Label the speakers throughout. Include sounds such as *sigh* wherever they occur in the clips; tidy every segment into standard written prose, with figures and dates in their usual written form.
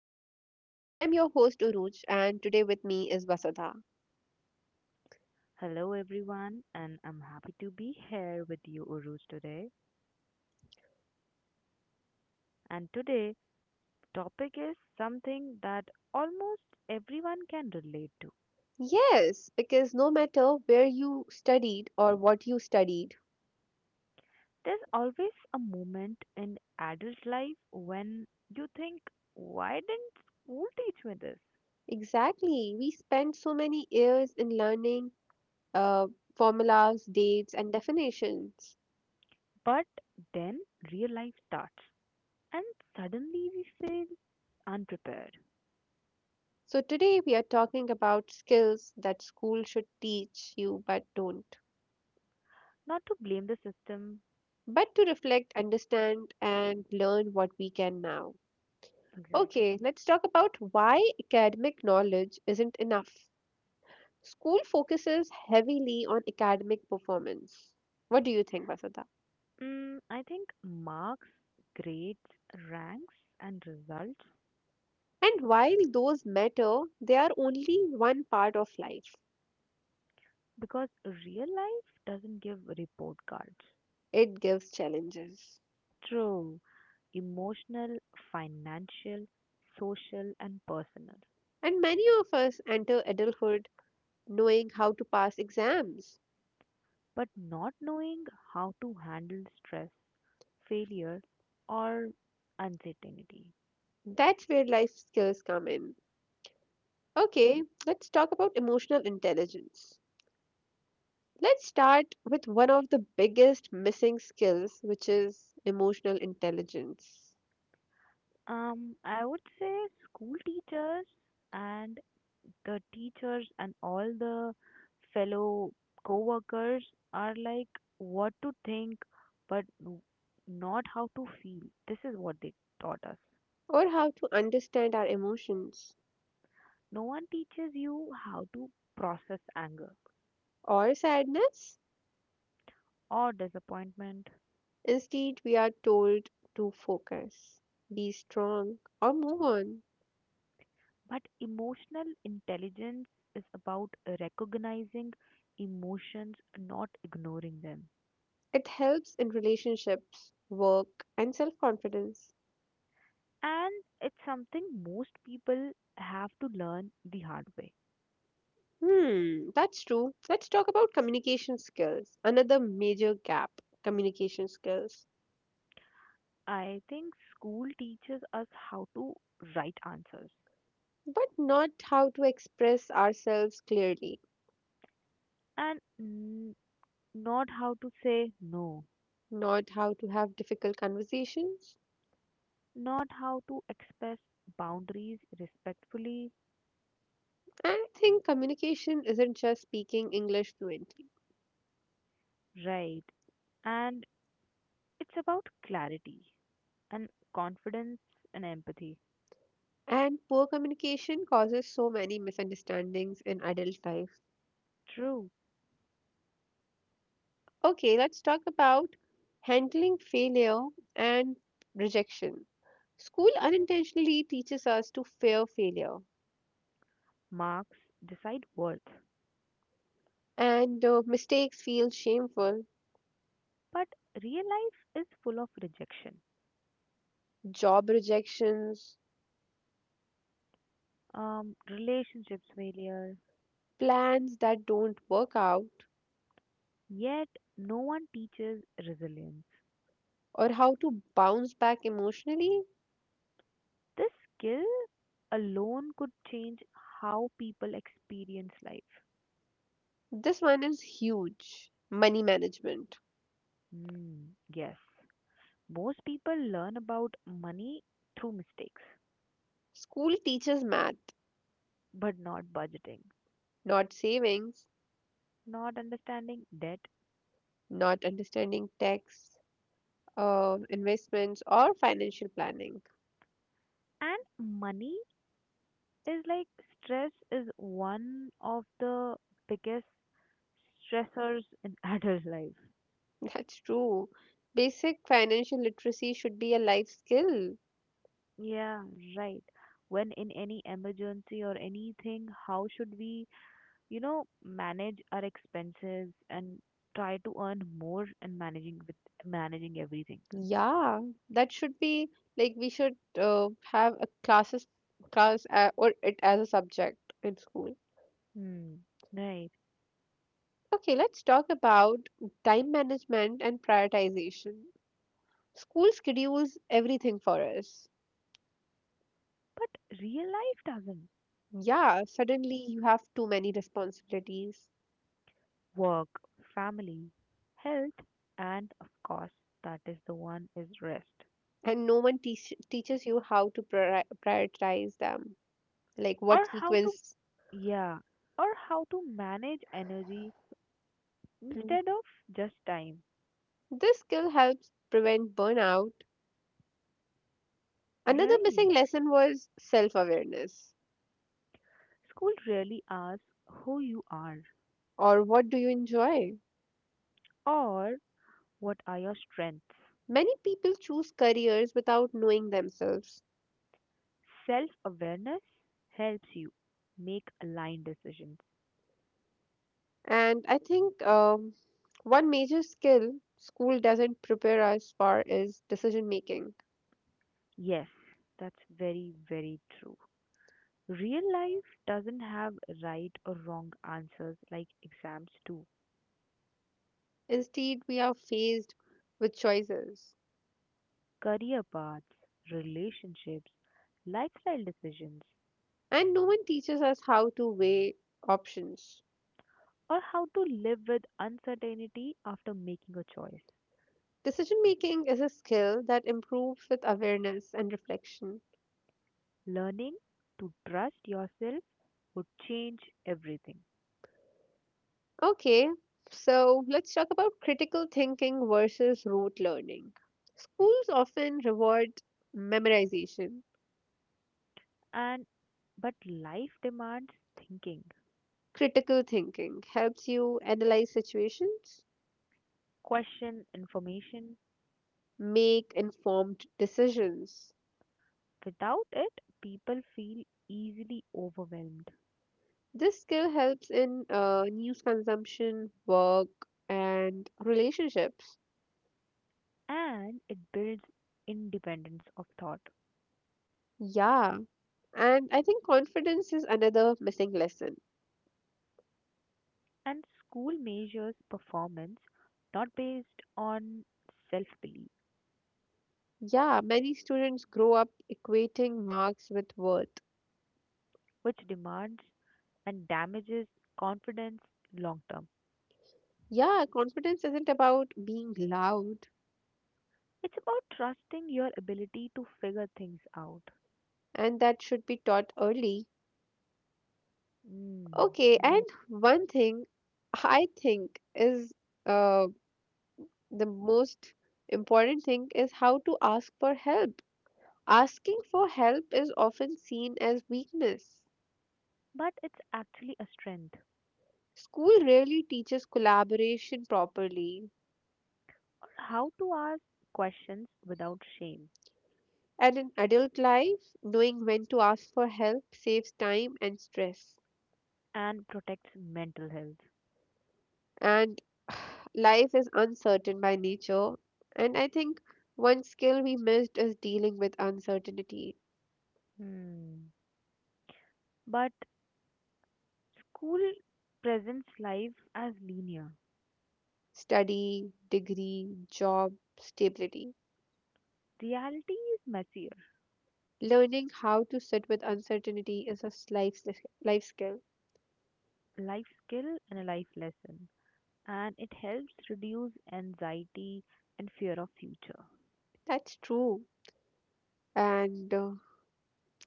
Speaker 1: the podcast. I'm your host, Uruj, and today with me is Vasudha.
Speaker 2: Hello, everyone, and I'm happy to be here with you, Uruj, today. And today, topic is something that almost everyone can relate to.
Speaker 1: Yes, because no matter where you studied or what you studied,
Speaker 2: There's always a moment in adult life when you think, "Why didn't school teach me this?"
Speaker 1: exactly, we spent so many years in learning uh, formulas, dates, and definitions.
Speaker 2: But then real life starts, and suddenly we feel unprepared.
Speaker 1: So today we are talking about skills that school should teach you but don't,
Speaker 2: Not to blame the system,
Speaker 1: but to reflect, understand, and learn what we can now.
Speaker 2: exactly.
Speaker 1: Okay, let's talk about why academic knowledge isn't enough. School focuses heavily on academic performance. What do you think, Vasudha?
Speaker 2: I think marks, grades, ranks, and results,
Speaker 1: And while those matter, they are only one part of life.
Speaker 2: because real life doesn't give report cards.
Speaker 1: It gives challenges.
Speaker 2: True, emotional, financial, social, and personal.
Speaker 1: And many of us enter adulthood knowing how to pass exams.
Speaker 2: But not knowing how to handle stress, failure, or uncertainty.
Speaker 1: That's where life skills come in. Okay, let's talk about emotional intelligence. Let's start with one of the biggest missing skills, which is emotional intelligence,
Speaker 2: I would say school teachers and the teachers and all the fellow co-workers are like what to think but not how to feel. This is what they taught us.
Speaker 1: or how to understand our emotions
Speaker 2: No one teaches you how to process anger
Speaker 1: or sadness.
Speaker 2: or disappointment.
Speaker 1: Instead, we are told to focus, be strong, or move on.
Speaker 2: But emotional intelligence is about recognizing emotions, not ignoring them,
Speaker 1: It helps in relationships, work, and self confidence.
Speaker 2: and it's something most people have to learn the hard way.
Speaker 1: Hmm, that's true. Let's talk about communication skills, another major gap communication skills,
Speaker 2: I think school teaches us how to write answers,
Speaker 1: but not how to express ourselves clearly.
Speaker 2: and not how to say no,
Speaker 1: Not how to have difficult conversations.
Speaker 2: not how to express boundaries respectfully,
Speaker 1: And I think communication isn't just speaking English fluently.
Speaker 2: right? And it's about clarity and confidence and empathy.
Speaker 1: And poor communication causes so many misunderstandings in adult life.
Speaker 2: True,
Speaker 1: Okay, let's talk about handling failure and rejection. School unintentionally teaches us to fear failure,
Speaker 2: marks decide worth,
Speaker 1: and mistakes feel shameful,
Speaker 2: but real life is full of rejection,
Speaker 1: job rejections,
Speaker 2: relationships failure,
Speaker 1: plans that don't work out,
Speaker 2: yet no one teaches resilience.
Speaker 1: or how to bounce back emotionally.
Speaker 2: This skill alone could change how people experience life.
Speaker 1: This one is huge money management.
Speaker 2: Yes, most people learn about money through mistakes,
Speaker 1: School teaches math,
Speaker 2: but not budgeting,
Speaker 1: not savings,
Speaker 2: not understanding debt.
Speaker 1: not understanding tax, investments, or financial planning.
Speaker 2: And money is like stress is one of the biggest stressors in *laughs* adult life.
Speaker 1: *laughs* That's true. Basic financial literacy should be a life skill.
Speaker 2: Yeah, right. When in any emergency or anything, how should we, you know, manage our expenses and try to earn more and managing with managing everything.
Speaker 1: Yeah, that should be like we should have a class or it as a subject in school.
Speaker 2: Hmm. Right.
Speaker 1: Okay, let's talk about time management and prioritization. School schedules everything for us.
Speaker 2: But real life doesn't.
Speaker 1: Yeah, suddenly you have too many responsibilities,
Speaker 2: Work, family, health, and of course, that is the one is rest.
Speaker 1: and no one teaches you how to prioritize them, like what
Speaker 2: Or how to,
Speaker 1: sequence.
Speaker 2: yeah, or how to manage energy instead
Speaker 1: *clears throat*
Speaker 2: of just time.
Speaker 1: This skill helps prevent burnout. Another
Speaker 2: Right.
Speaker 1: missing lesson was self-awareness,
Speaker 2: School really asks who you are
Speaker 1: or what do you enjoy?
Speaker 2: or what are your strengths.
Speaker 1: Many people choose careers without knowing themselves,
Speaker 2: Self awareness helps you make aligned decisions.
Speaker 1: and I think one major skill school doesn't prepare us for is decision making.
Speaker 2: Yes, that's very true. Real life doesn't have right or wrong answers like exams do.
Speaker 1: Instead, we are faced with choices.
Speaker 2: Career paths, relationships, lifestyle decisions,
Speaker 1: And no one teaches us how to weigh options.
Speaker 2: or how to live with uncertainty after making a choice.
Speaker 1: Decision making is a skill that improves with awareness and reflection.
Speaker 2: Learning to trust yourself would change everything.
Speaker 1: Okay, so let's talk about critical thinking versus rote learning. Schools often reward memorization.
Speaker 2: And but life demands thinking,
Speaker 1: Critical thinking helps you analyze situations,
Speaker 2: question information.
Speaker 1: make informed decisions.
Speaker 2: Without it, people feel easily overwhelmed,
Speaker 1: This skill helps in news consumption, work, and relationships.
Speaker 2: and it builds independence of thought.
Speaker 1: Yeah, and I think confidence is another missing lesson.
Speaker 2: And school measures performance not based on self belief,
Speaker 1: Yeah, many students grow up equating marks with worth.
Speaker 2: which demands and damages confidence long term.
Speaker 1: Yeah, confidence isn't about being loud,
Speaker 2: It's about trusting your ability to figure things out.
Speaker 1: and that should be taught early.
Speaker 2: Mm.
Speaker 1: Okay, and
Speaker 2: Right.
Speaker 1: one thing I think is uh, the most important thing is how to ask for help. Asking for help is often seen as weakness.
Speaker 2: But it's actually a strength,
Speaker 1: School rarely teaches collaboration properly.
Speaker 2: how to ask questions without shame
Speaker 1: And in adult life, knowing when to ask for help saves time and stress.
Speaker 2: and protects mental health.
Speaker 1: And *sighs* life is uncertain by nature. And I think one skill we missed is dealing with uncertainty,
Speaker 2: Hmm. But school presents life as linear.
Speaker 1: study, degree, job, stability.
Speaker 2: Reality is messier,
Speaker 1: Learning how to sit with uncertainty is a life skill.
Speaker 2: a life skill and a life lesson, and it helps reduce anxiety and fear of future.
Speaker 1: That's true. And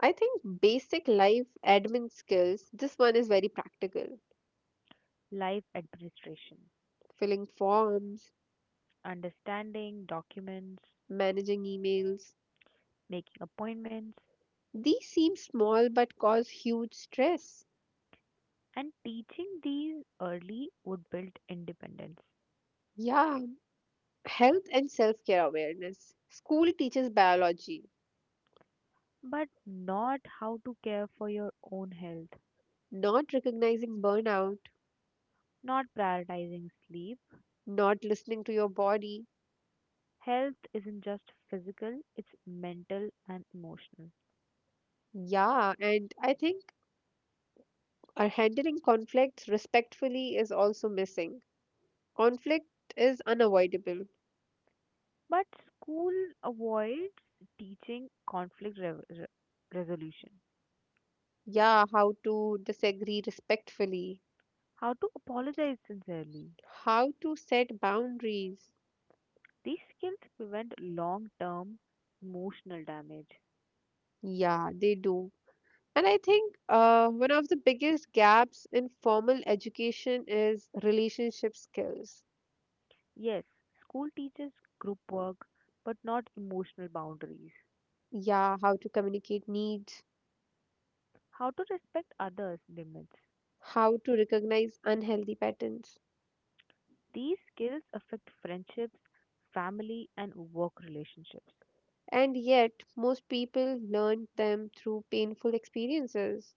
Speaker 1: I think basic life admin skills, this one is very practical.
Speaker 2: Life administration,
Speaker 1: Filling forms,
Speaker 2: understanding documents,
Speaker 1: managing emails.
Speaker 2: making appointments,
Speaker 1: These seem small but cause huge stress.
Speaker 2: and teaching these early would build independence,
Speaker 1: Yeah, health and self care awareness. School teaches biology,
Speaker 2: but not how to care for your own health,
Speaker 1: not recognizing burnout,
Speaker 2: not prioritizing sleep.
Speaker 1: not listening to your body.
Speaker 2: Health isn't just physical, it's mental and emotional.
Speaker 1: Yeah, and I think our handling conflicts respectfully is also missing. Conflict is unavoidable.
Speaker 2: But school avoids teaching conflict resolution,
Speaker 1: Yeah, how to disagree respectfully,
Speaker 2: how to apologize sincerely.
Speaker 1: how to set boundaries.
Speaker 2: These skills prevent long term emotional damage.
Speaker 1: Yeah, they do. And I think one of the biggest gaps in formal education is relationship skills.
Speaker 2: Yes, school teaches group work, but not emotional boundaries,
Speaker 1: Yeah, how to communicate needs,
Speaker 2: how to respect others' limits.
Speaker 1: how to recognize unhealthy patterns.
Speaker 2: These skills affect friendships, family, and work relationships.
Speaker 1: And yet, most people learn them through painful experiences.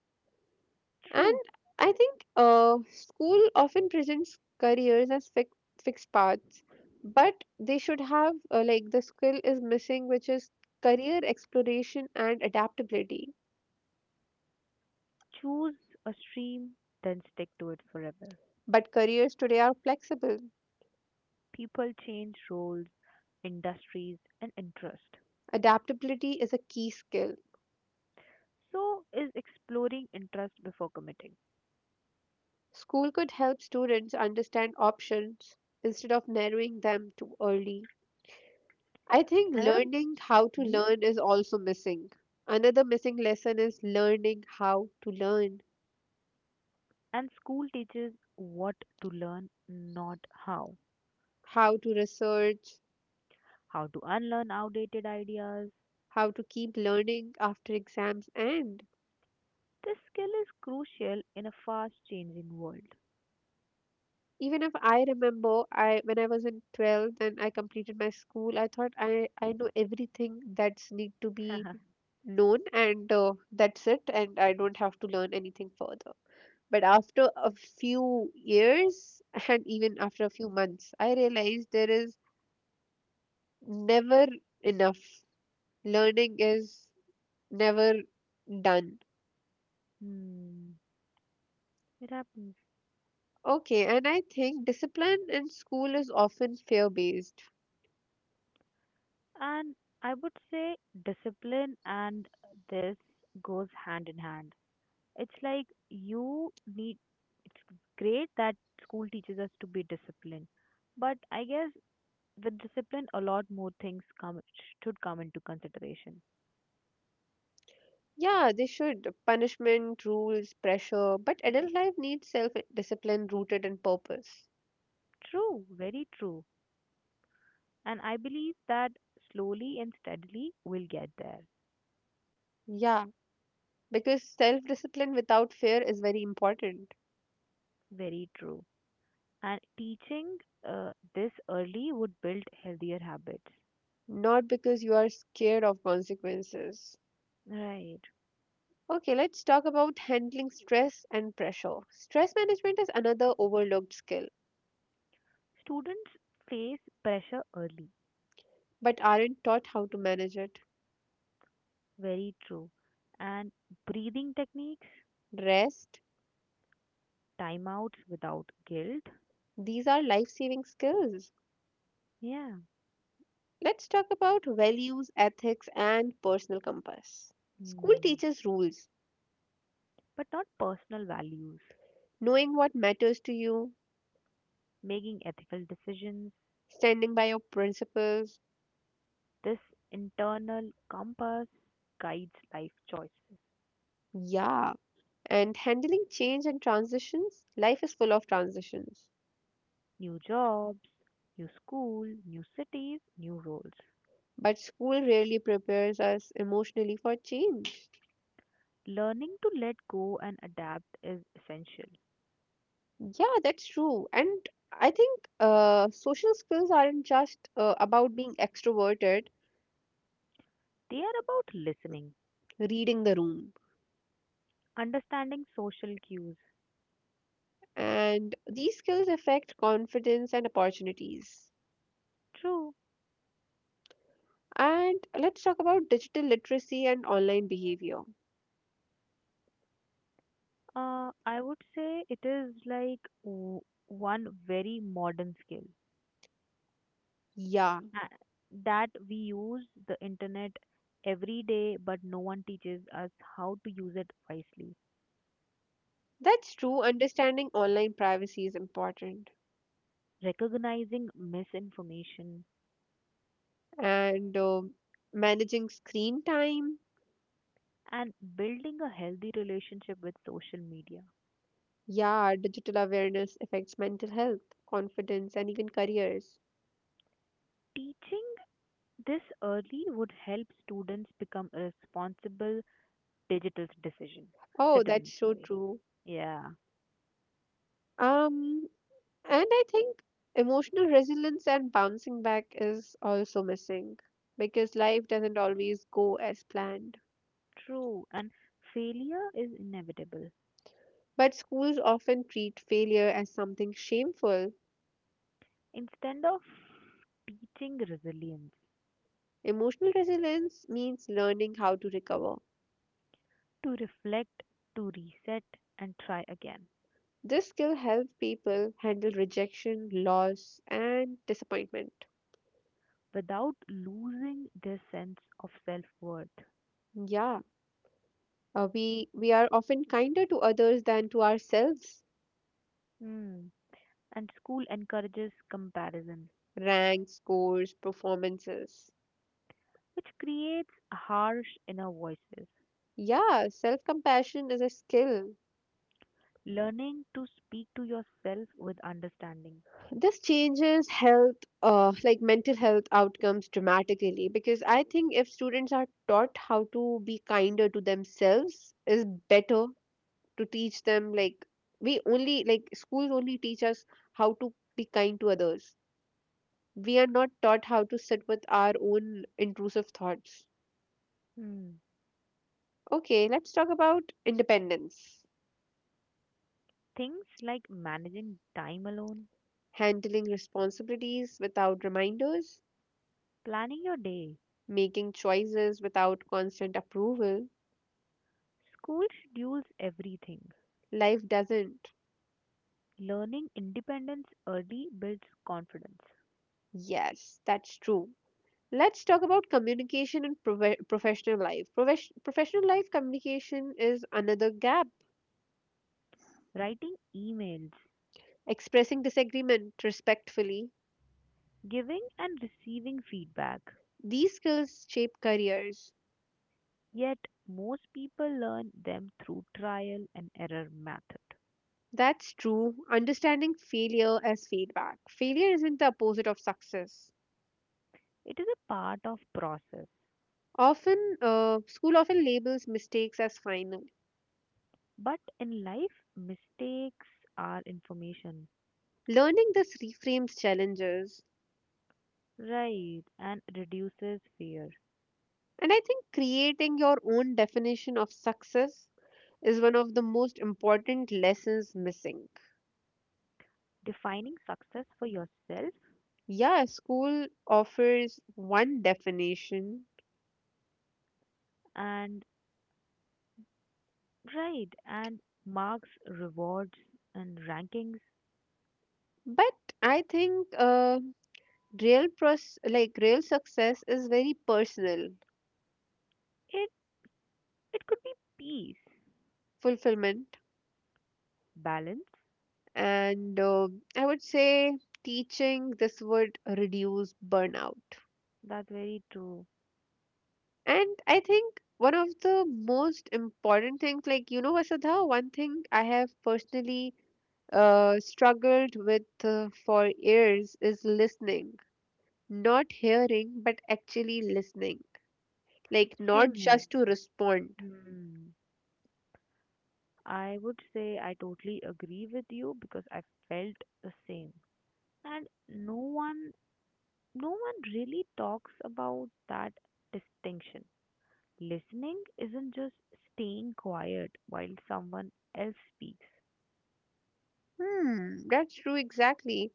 Speaker 1: And
Speaker 2: True.
Speaker 1: I think school often presents careers as fixed paths, but they should have, like, the skill is missing, which is career exploration and adaptability.
Speaker 2: Choose a stream, then stick to it forever.
Speaker 1: But careers today are flexible.
Speaker 2: People change roles, industries, and interest.
Speaker 1: Adaptability is a key skill.
Speaker 2: So is exploring interest before committing.
Speaker 1: School could help students understand options instead of narrowing them too early. I think
Speaker 2: Another,
Speaker 1: learning how to
Speaker 2: mhm.
Speaker 1: learn is also missing. Another missing lesson is learning how to learn,
Speaker 2: And school teaches what to learn, not how.
Speaker 1: how to research,
Speaker 2: How to unlearn outdated ideas.
Speaker 1: how to keep learning after exams end.
Speaker 2: This skill is crucial in a fast changing world.
Speaker 1: Even if I remember, I when I was in 12th and I completed my school, I thought I know everything that's need to be
Speaker 2: *laughs*
Speaker 1: known, and that's it, and I don't have to learn anything further. But after a few years, and even after a few months, I realized there is never enough, learning is never done.
Speaker 2: hmm, it happens.
Speaker 1: Okay, and I think discipline in school is often fear based.
Speaker 2: And I would say discipline and this goes hand in hand. It's like you need, it's great that school teaches us to be disciplined, but I guess with discipline, a lot more things come should come into consideration.
Speaker 1: Yeah, they should punishment rules pressure, but adult life needs self discipline rooted in purpose.
Speaker 2: True, very true. And I believe that slowly and steadily we'll get there.
Speaker 1: Yeah, because self discipline without fear is very important,
Speaker 2: Very true. And teaching this early would build healthier habits.
Speaker 1: not because you are scared of consequences.
Speaker 2: Right.
Speaker 1: Okay, let's talk about handling stress and pressure. Stress management is another overlooked skill,
Speaker 2: Students face pressure early.
Speaker 1: but aren't taught how to manage it.
Speaker 2: Very true. And breathing techniques,
Speaker 1: Rest,
Speaker 2: timeouts without guilt.
Speaker 1: these are life saving skills.
Speaker 2: Yeah.
Speaker 1: Let's talk about values, ethics, and personal compass. School
Speaker 2: Hmm.
Speaker 1: teaches rules,
Speaker 2: But not personal values.
Speaker 1: knowing what matters to you,
Speaker 2: Making ethical decisions.
Speaker 1: standing by your principles,
Speaker 2: This internal compass guides life choices.
Speaker 1: yeah, and handling change and transitions. Life is full of transitions.
Speaker 2: New jobs, new school, new cities, new roles.
Speaker 1: But school rarely prepares us emotionally for change.
Speaker 2: Learning to let go and adapt is essential.
Speaker 1: Yeah, that's true. And I think social skills aren't just about being extroverted,
Speaker 2: They are about listening,
Speaker 1: reading the room.
Speaker 2: understanding social cues.
Speaker 1: And these skills affect confidence and opportunities.
Speaker 2: True.
Speaker 1: And let's talk about digital literacy and online behavior.
Speaker 2: I would say it is like one very modern skill.
Speaker 1: Yeah,
Speaker 2: uh, that we use the internet every day, but no one teaches us how to use it wisely.
Speaker 1: that's true. Understanding online privacy is important.
Speaker 2: Recognizing misinformation
Speaker 1: And managing screen time.
Speaker 2: and building a healthy relationship with social media.
Speaker 1: Yeah, digital awareness affects mental health, confidence, and even careers.
Speaker 2: Teaching this early would help students become responsible digital decision
Speaker 1: Oh, that's
Speaker 2: citizens.
Speaker 1: so
Speaker 2: Sorry.
Speaker 1: true.
Speaker 2: Yeah,
Speaker 1: Um, and I think emotional resilience and bouncing back is also missing, because life doesn't always go as planned.
Speaker 2: true. And failure is inevitable.
Speaker 1: But schools often treat failure as something shameful.
Speaker 2: Instead of teaching resilience,
Speaker 1: Emotional resilience means learning how to recover.
Speaker 2: to reflect, to reset, and try again
Speaker 1: This skill helps people handle rejection, loss, and disappointment.
Speaker 2: without losing their sense of self worth.
Speaker 1: Yeah, we are often kinder to others than to ourselves.
Speaker 2: Hmm. And school encourages comparison,
Speaker 1: Ranks, scores, performances.
Speaker 2: which creates harsh inner voices.
Speaker 1: Yeah, self compassion is a skill.
Speaker 2: Learning to speak to yourself with understanding.
Speaker 1: This changes health, like mental health outcomes dramatically, because I think if students are taught how to be kinder to themselves, is better to teach them. Like, we only, like, schools only teach us how to be kind to others. We are not taught how to sit with our own intrusive thoughts.
Speaker 2: Hmm.
Speaker 1: Okay, let's talk about independence.
Speaker 2: Things like managing time alone,
Speaker 1: Handling responsibilities without reminders,
Speaker 2: planning your day,
Speaker 1: making choices without constant approval.
Speaker 2: school schedules everything.
Speaker 1: Life doesn't.
Speaker 2: Learning independence early builds confidence.
Speaker 1: Yes, that's true. Let's talk about communication and professional life. Professional life communication is another gap.
Speaker 2: Writing emails,
Speaker 1: Expressing disagreement respectfully.
Speaker 2: giving and receiving feedback,
Speaker 1: These skills shape careers.
Speaker 2: yet most people learn them through trial and error method.
Speaker 1: That's true. Understanding failure as feedback. Failure isn't the opposite of success.
Speaker 2: It is a part of process,
Speaker 1: Often, school often labels mistakes as final.
Speaker 2: but in life mistakes are information,
Speaker 1: Learning this reframes challenges.
Speaker 2: right, and reduces fear.
Speaker 1: And I think creating your own definition of success is one of the most important lessons missing.
Speaker 2: Defining success for yourself
Speaker 1: Yeah, school offers one definition,
Speaker 2: and right and marks, rewards and rankings.
Speaker 1: but I think real pros like real success is very personal
Speaker 2: It it could be peace,
Speaker 1: fulfillment,
Speaker 2: balance.
Speaker 1: and I would say teaching this would reduce burnout.
Speaker 2: That's very true.
Speaker 1: And I think one of the most important things, like, you know, Vasudha, one thing I have personally struggled with for years is listening. Not hearing, but actually listening. Like, not
Speaker 2: Same here.
Speaker 1: just to respond.
Speaker 2: Hmm. I would say I totally agree with you because I felt the same. And no one really talks about that distinction. Listening isn't just staying quiet while someone else speaks.
Speaker 1: Hmm, that's true, exactly.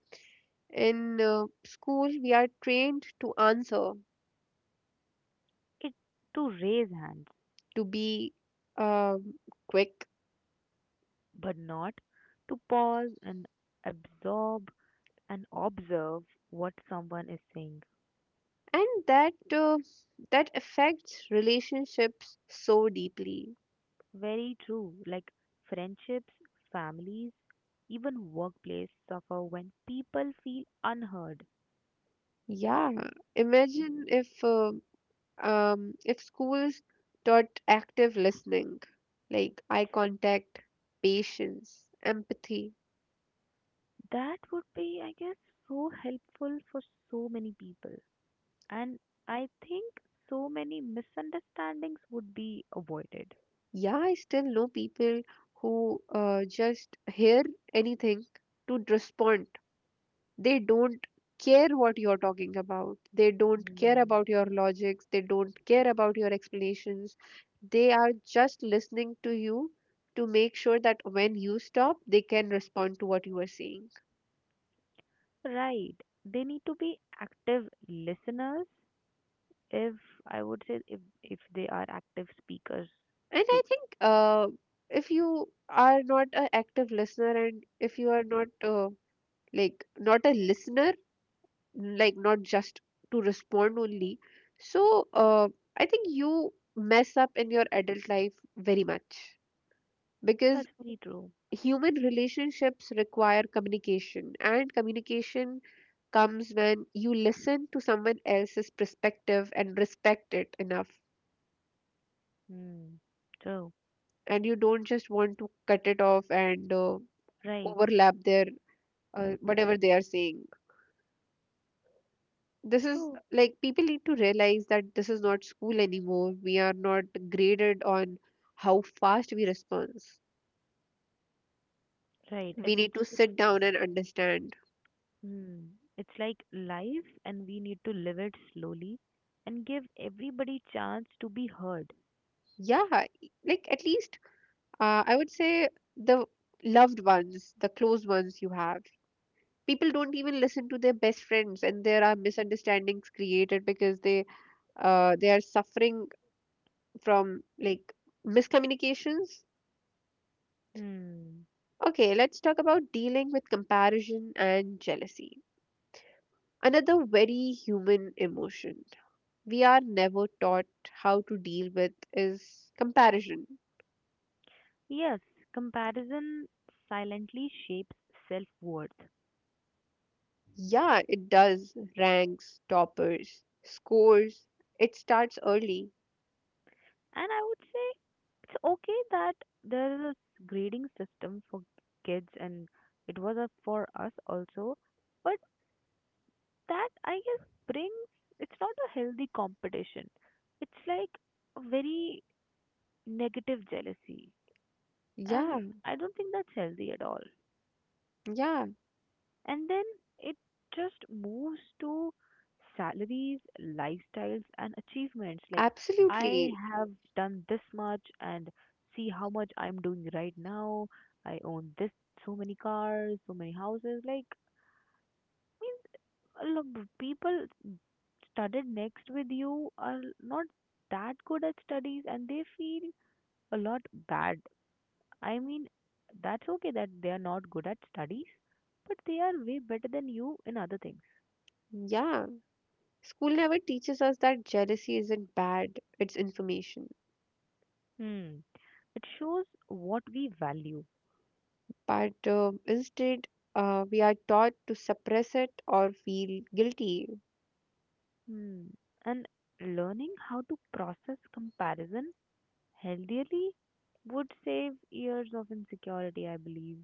Speaker 1: In school, we are trained to answer.
Speaker 2: It to raise hands,
Speaker 1: To be um, quick,
Speaker 2: but not to pause and absorb and observe what someone is saying.
Speaker 1: and that affects relationships so deeply.
Speaker 2: Very true. Like friendships, families, even workplace suffer when people feel unheard.
Speaker 1: Yeah, imagine if if schools taught active listening, like eye contact, patience, empathy.
Speaker 2: That would be, I guess, so helpful for so many people. And I think so many misunderstandings would be avoided.
Speaker 1: Yeah, I still know people who just hear anything to respond. They don't care what you're talking about, they don't care
Speaker 2: Hmm.
Speaker 1: about your logics, they don't care about your explanations. They are just listening to you to make sure that when you stop they can respond to what you are saying.
Speaker 2: Right. They need to be active listeners if I would say if they are active speakers
Speaker 1: And I
Speaker 2: too.
Speaker 1: think if you are not an active listener, and if you are not like not a listener, like not just to respond only, so I think you mess up in your adult life very much, because
Speaker 2: That's very true.
Speaker 1: human relationships require communication, and communication comes when you listen to someone else's perspective and respect it enough,
Speaker 2: Hmm. True.
Speaker 1: and you don't just want to cut it off and
Speaker 2: Right.
Speaker 1: overlap their whatever they are saying. This is
Speaker 2: True.
Speaker 1: like people need to realize that this is not school anymore. We are not graded on how fast we respond.
Speaker 2: Right. And
Speaker 1: We need
Speaker 2: it's
Speaker 1: to
Speaker 2: it's
Speaker 1: sit down and understand.
Speaker 2: hmm, it's like life and we need to live it slowly and give everybody chance to be heard.
Speaker 1: Yeah, like at least, I would say, the loved ones, the close ones you have. People don't even listen to their best friends, and there are misunderstandings created because they are suffering from like miscommunications.
Speaker 2: Hmm.
Speaker 1: Okay, let's talk about dealing with comparison and jealousy. Another very human emotion we are never taught how to deal with is comparison.
Speaker 2: Yes, comparison silently shapes self-worth.
Speaker 1: Yeah, it does ranks, toppers, scores. It starts early.
Speaker 2: And I would say it's okay that there is a grading system for kids and it was a, for us also, but that I guess brings it's not a healthy competition. It's like a very negative jealousy,
Speaker 1: Yeah,
Speaker 2: and I don't think that's healthy at all.
Speaker 1: yeah,
Speaker 2: And then it just moves to salaries, lifestyles, and achievements. Like, I
Speaker 1: absolutely.
Speaker 2: have done this much, and see how much I'm doing right now. I own this, so many cars, so many houses. Like, I mean, a lot of people studied next with you are not that good at studies, and they feel a lot bad. I mean, that's okay that they are not good at studies, but they are way better than you in other things.
Speaker 1: Yeah. School never teaches us that jealousy isn't bad, it's information.
Speaker 2: Hmm. It shows what we value.
Speaker 1: But instead, we are taught to suppress it or feel guilty.
Speaker 2: Hmm. And learning how to process comparison healthily would save years of insecurity, I believe.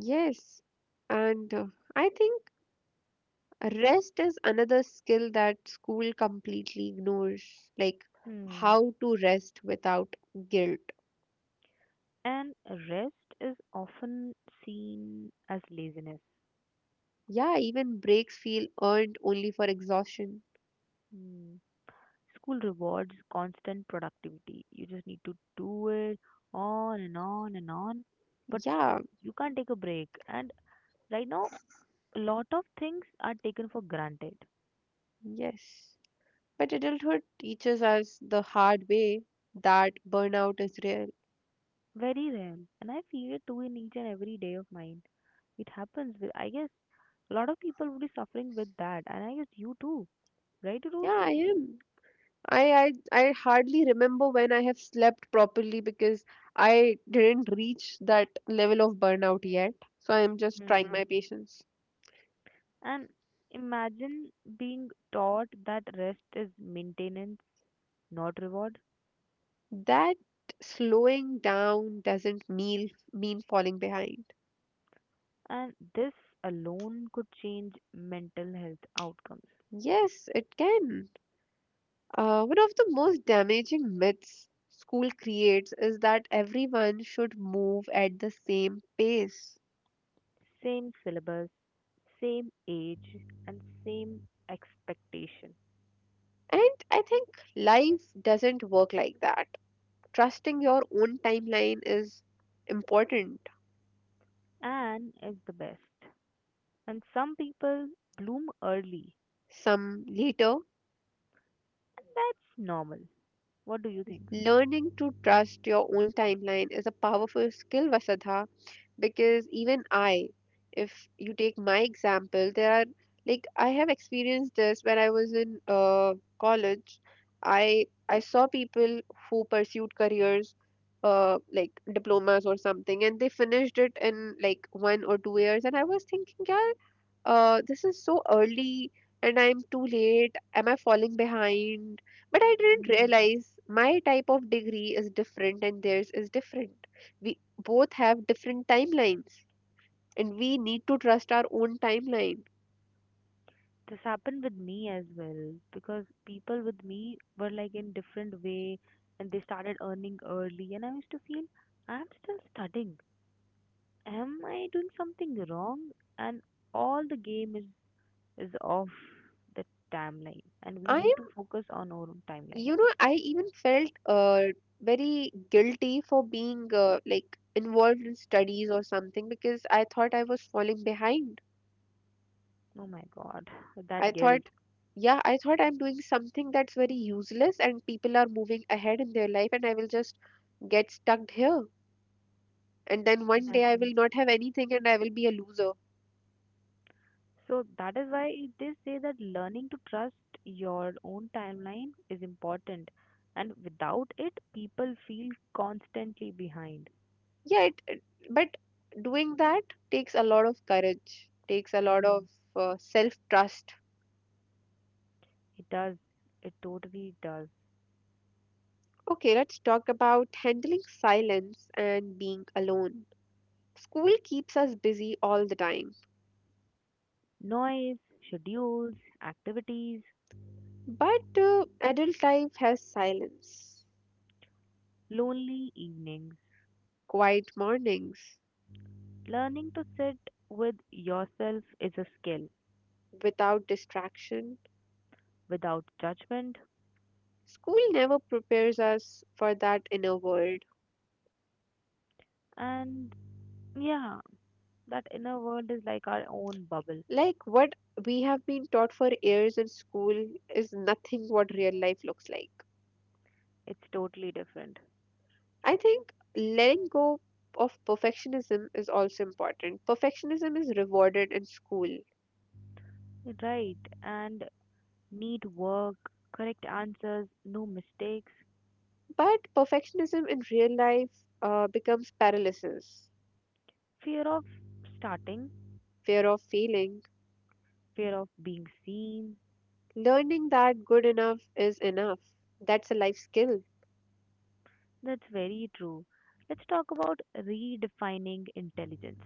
Speaker 1: Yes. And I think rest is another skill that school completely ignores, like
Speaker 2: Hmm.
Speaker 1: how to rest without guilt.
Speaker 2: And rest is often seen as laziness.
Speaker 1: Yeah, even breaks feel earned only for exhaustion.
Speaker 2: Hmm. School rewards constant productivity. You just need to do it on and on and on, but
Speaker 1: Yeah,
Speaker 2: you can't take a break. And right now, a lot of things are taken for granted.
Speaker 1: yes. But adulthood teaches us the hard way that burnout is real.
Speaker 2: Very rare. And I feel it too in each and every day of mine. It happens. With- I guess a lot of people would be suffering with that. And I guess you too. Right, Ruj?
Speaker 1: Yeah, I am. I, I I hardly remember when I have slept properly, because I didn't reach that level of burnout yet. So I am just trying
Speaker 2: Hmm.
Speaker 1: my patience.
Speaker 2: And imagine being taught that rest is maintenance, not reward.
Speaker 1: That slowing down doesn't mean falling behind.
Speaker 2: And this alone could change mental health outcomes.
Speaker 1: Yes, it can. One of the most damaging myths school creates is that everyone should move at the same pace.
Speaker 2: Same syllabus, same age, and same expectation.
Speaker 1: And I think life doesn't work like that. Trusting your own timeline is important.
Speaker 2: Anne is the best. And some people bloom early.
Speaker 1: Some later,
Speaker 2: That's normal. What do you think?
Speaker 1: learning to trust your own timeline is a powerful skill, Vasudha, because even I, if you take my example, there are like I have experienced this when I was in college. I saw people who pursued careers like diplomas or something, and they finished it in like 1 or 2 years, and I was thinking yeah this is so early and I'm too late. Am I falling behind? But I didn't
Speaker 2: Hmm.
Speaker 1: realize my type of degree is different and theirs is different. We both have different timelines and we need to trust our own timeline.
Speaker 2: This happened with me as well because people with me were like in different way and they started earning early and I used to feel I'm still studying. Am I doing something wrong? And all the game is off the timeline, and we
Speaker 1: I
Speaker 2: need
Speaker 1: am,
Speaker 2: to focus on our own timeline.
Speaker 1: you know, I even felt very guilty for being like involved in studies or something because I thought I was falling behind.
Speaker 2: Oh my God,
Speaker 1: I
Speaker 2: that
Speaker 1: thought,
Speaker 2: guilt
Speaker 1: yeah, I thought I'm doing something that's very useless and people are moving ahead in their life and I will just get stuck here. And then
Speaker 2: it
Speaker 1: one day I
Speaker 2: happens.
Speaker 1: will not have anything and I will be a loser.
Speaker 2: So that is why they say that learning to trust your own timeline is important, and without it, people feel constantly behind.
Speaker 1: Yeah, but doing that takes a lot of courage, takes a lot of
Speaker 2: Mm,
Speaker 1: self trust.
Speaker 2: it does. It totally does.
Speaker 1: Okay, let's talk about handling silence and being alone. School keeps us busy all the time,
Speaker 2: Noise, schedules, activities,
Speaker 1: but adult life has silence,
Speaker 2: lonely evenings.
Speaker 1: quiet mornings,
Speaker 2: Learning to sit with yourself is a skill
Speaker 1: without distraction.
Speaker 2: without judgment.
Speaker 1: School never prepares us for that inner world.
Speaker 2: And yeah, that inner world is like our own bubble.
Speaker 1: Like what we have been taught for years in school is nothing what real life looks like.
Speaker 2: It's totally different.
Speaker 1: I think letting go of perfectionism is also important. Perfectionism is rewarded in school,
Speaker 2: Right. And need work, correct answers, no mistakes,
Speaker 1: but perfectionism in real life becomes paralysis,
Speaker 2: fear of starting,
Speaker 1: fear of failing,
Speaker 2: fear of being seen.
Speaker 1: learning that good enough is enough. That's a life skill.
Speaker 2: That's very true. Let's talk about redefining intelligence,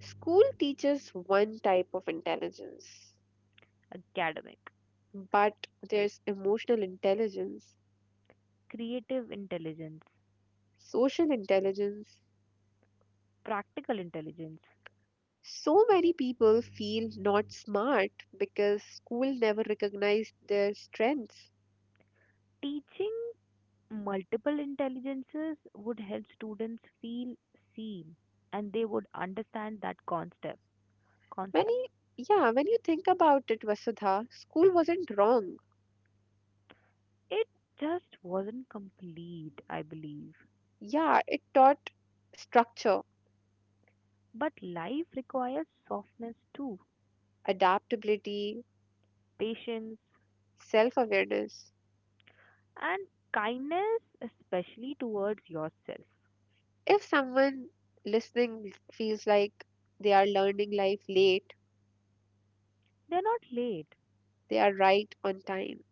Speaker 1: School teaches one type of intelligence,
Speaker 2: academic,
Speaker 1: but there's emotional intelligence,
Speaker 2: creative intelligence,
Speaker 1: social intelligence.
Speaker 2: practical intelligence,
Speaker 1: So many people feel not smart because school never recognized their strengths.
Speaker 2: teaching multiple intelligences would help students feel seen, and they would understand that concept.
Speaker 1: Many, yeah, when you think about it, Vasudha, school wasn't wrong.
Speaker 2: It just wasn't complete, I believe.
Speaker 1: Yeah, it taught structure,
Speaker 2: But life requires softness too,
Speaker 1: adaptability,
Speaker 2: patience
Speaker 1: self awareness.
Speaker 2: and kindness, especially towards yourself.
Speaker 1: If someone listening feels like they are learning life late,
Speaker 2: They're not late,
Speaker 1: they are right on time.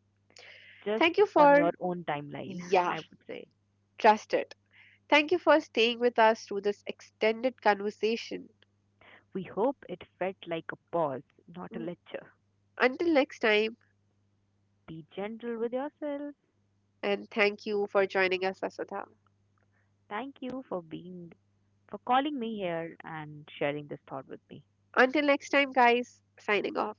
Speaker 1: Thank
Speaker 2: just
Speaker 1: you
Speaker 2: on
Speaker 1: for,
Speaker 2: your own timeline, *laughs*
Speaker 1: yeah,
Speaker 2: I would say.
Speaker 1: trust it. Thank you for staying with us through this extended conversation.
Speaker 2: We hope it felt like a pause, not a
Speaker 1: Mm,
Speaker 2: lecture.
Speaker 1: until next time,
Speaker 2: Be gentle with yourself.
Speaker 1: and thank you for joining us, Vasudha.
Speaker 2: Thank you for being for calling me here and sharing this thought with me.
Speaker 1: Until next time, guys, signing off.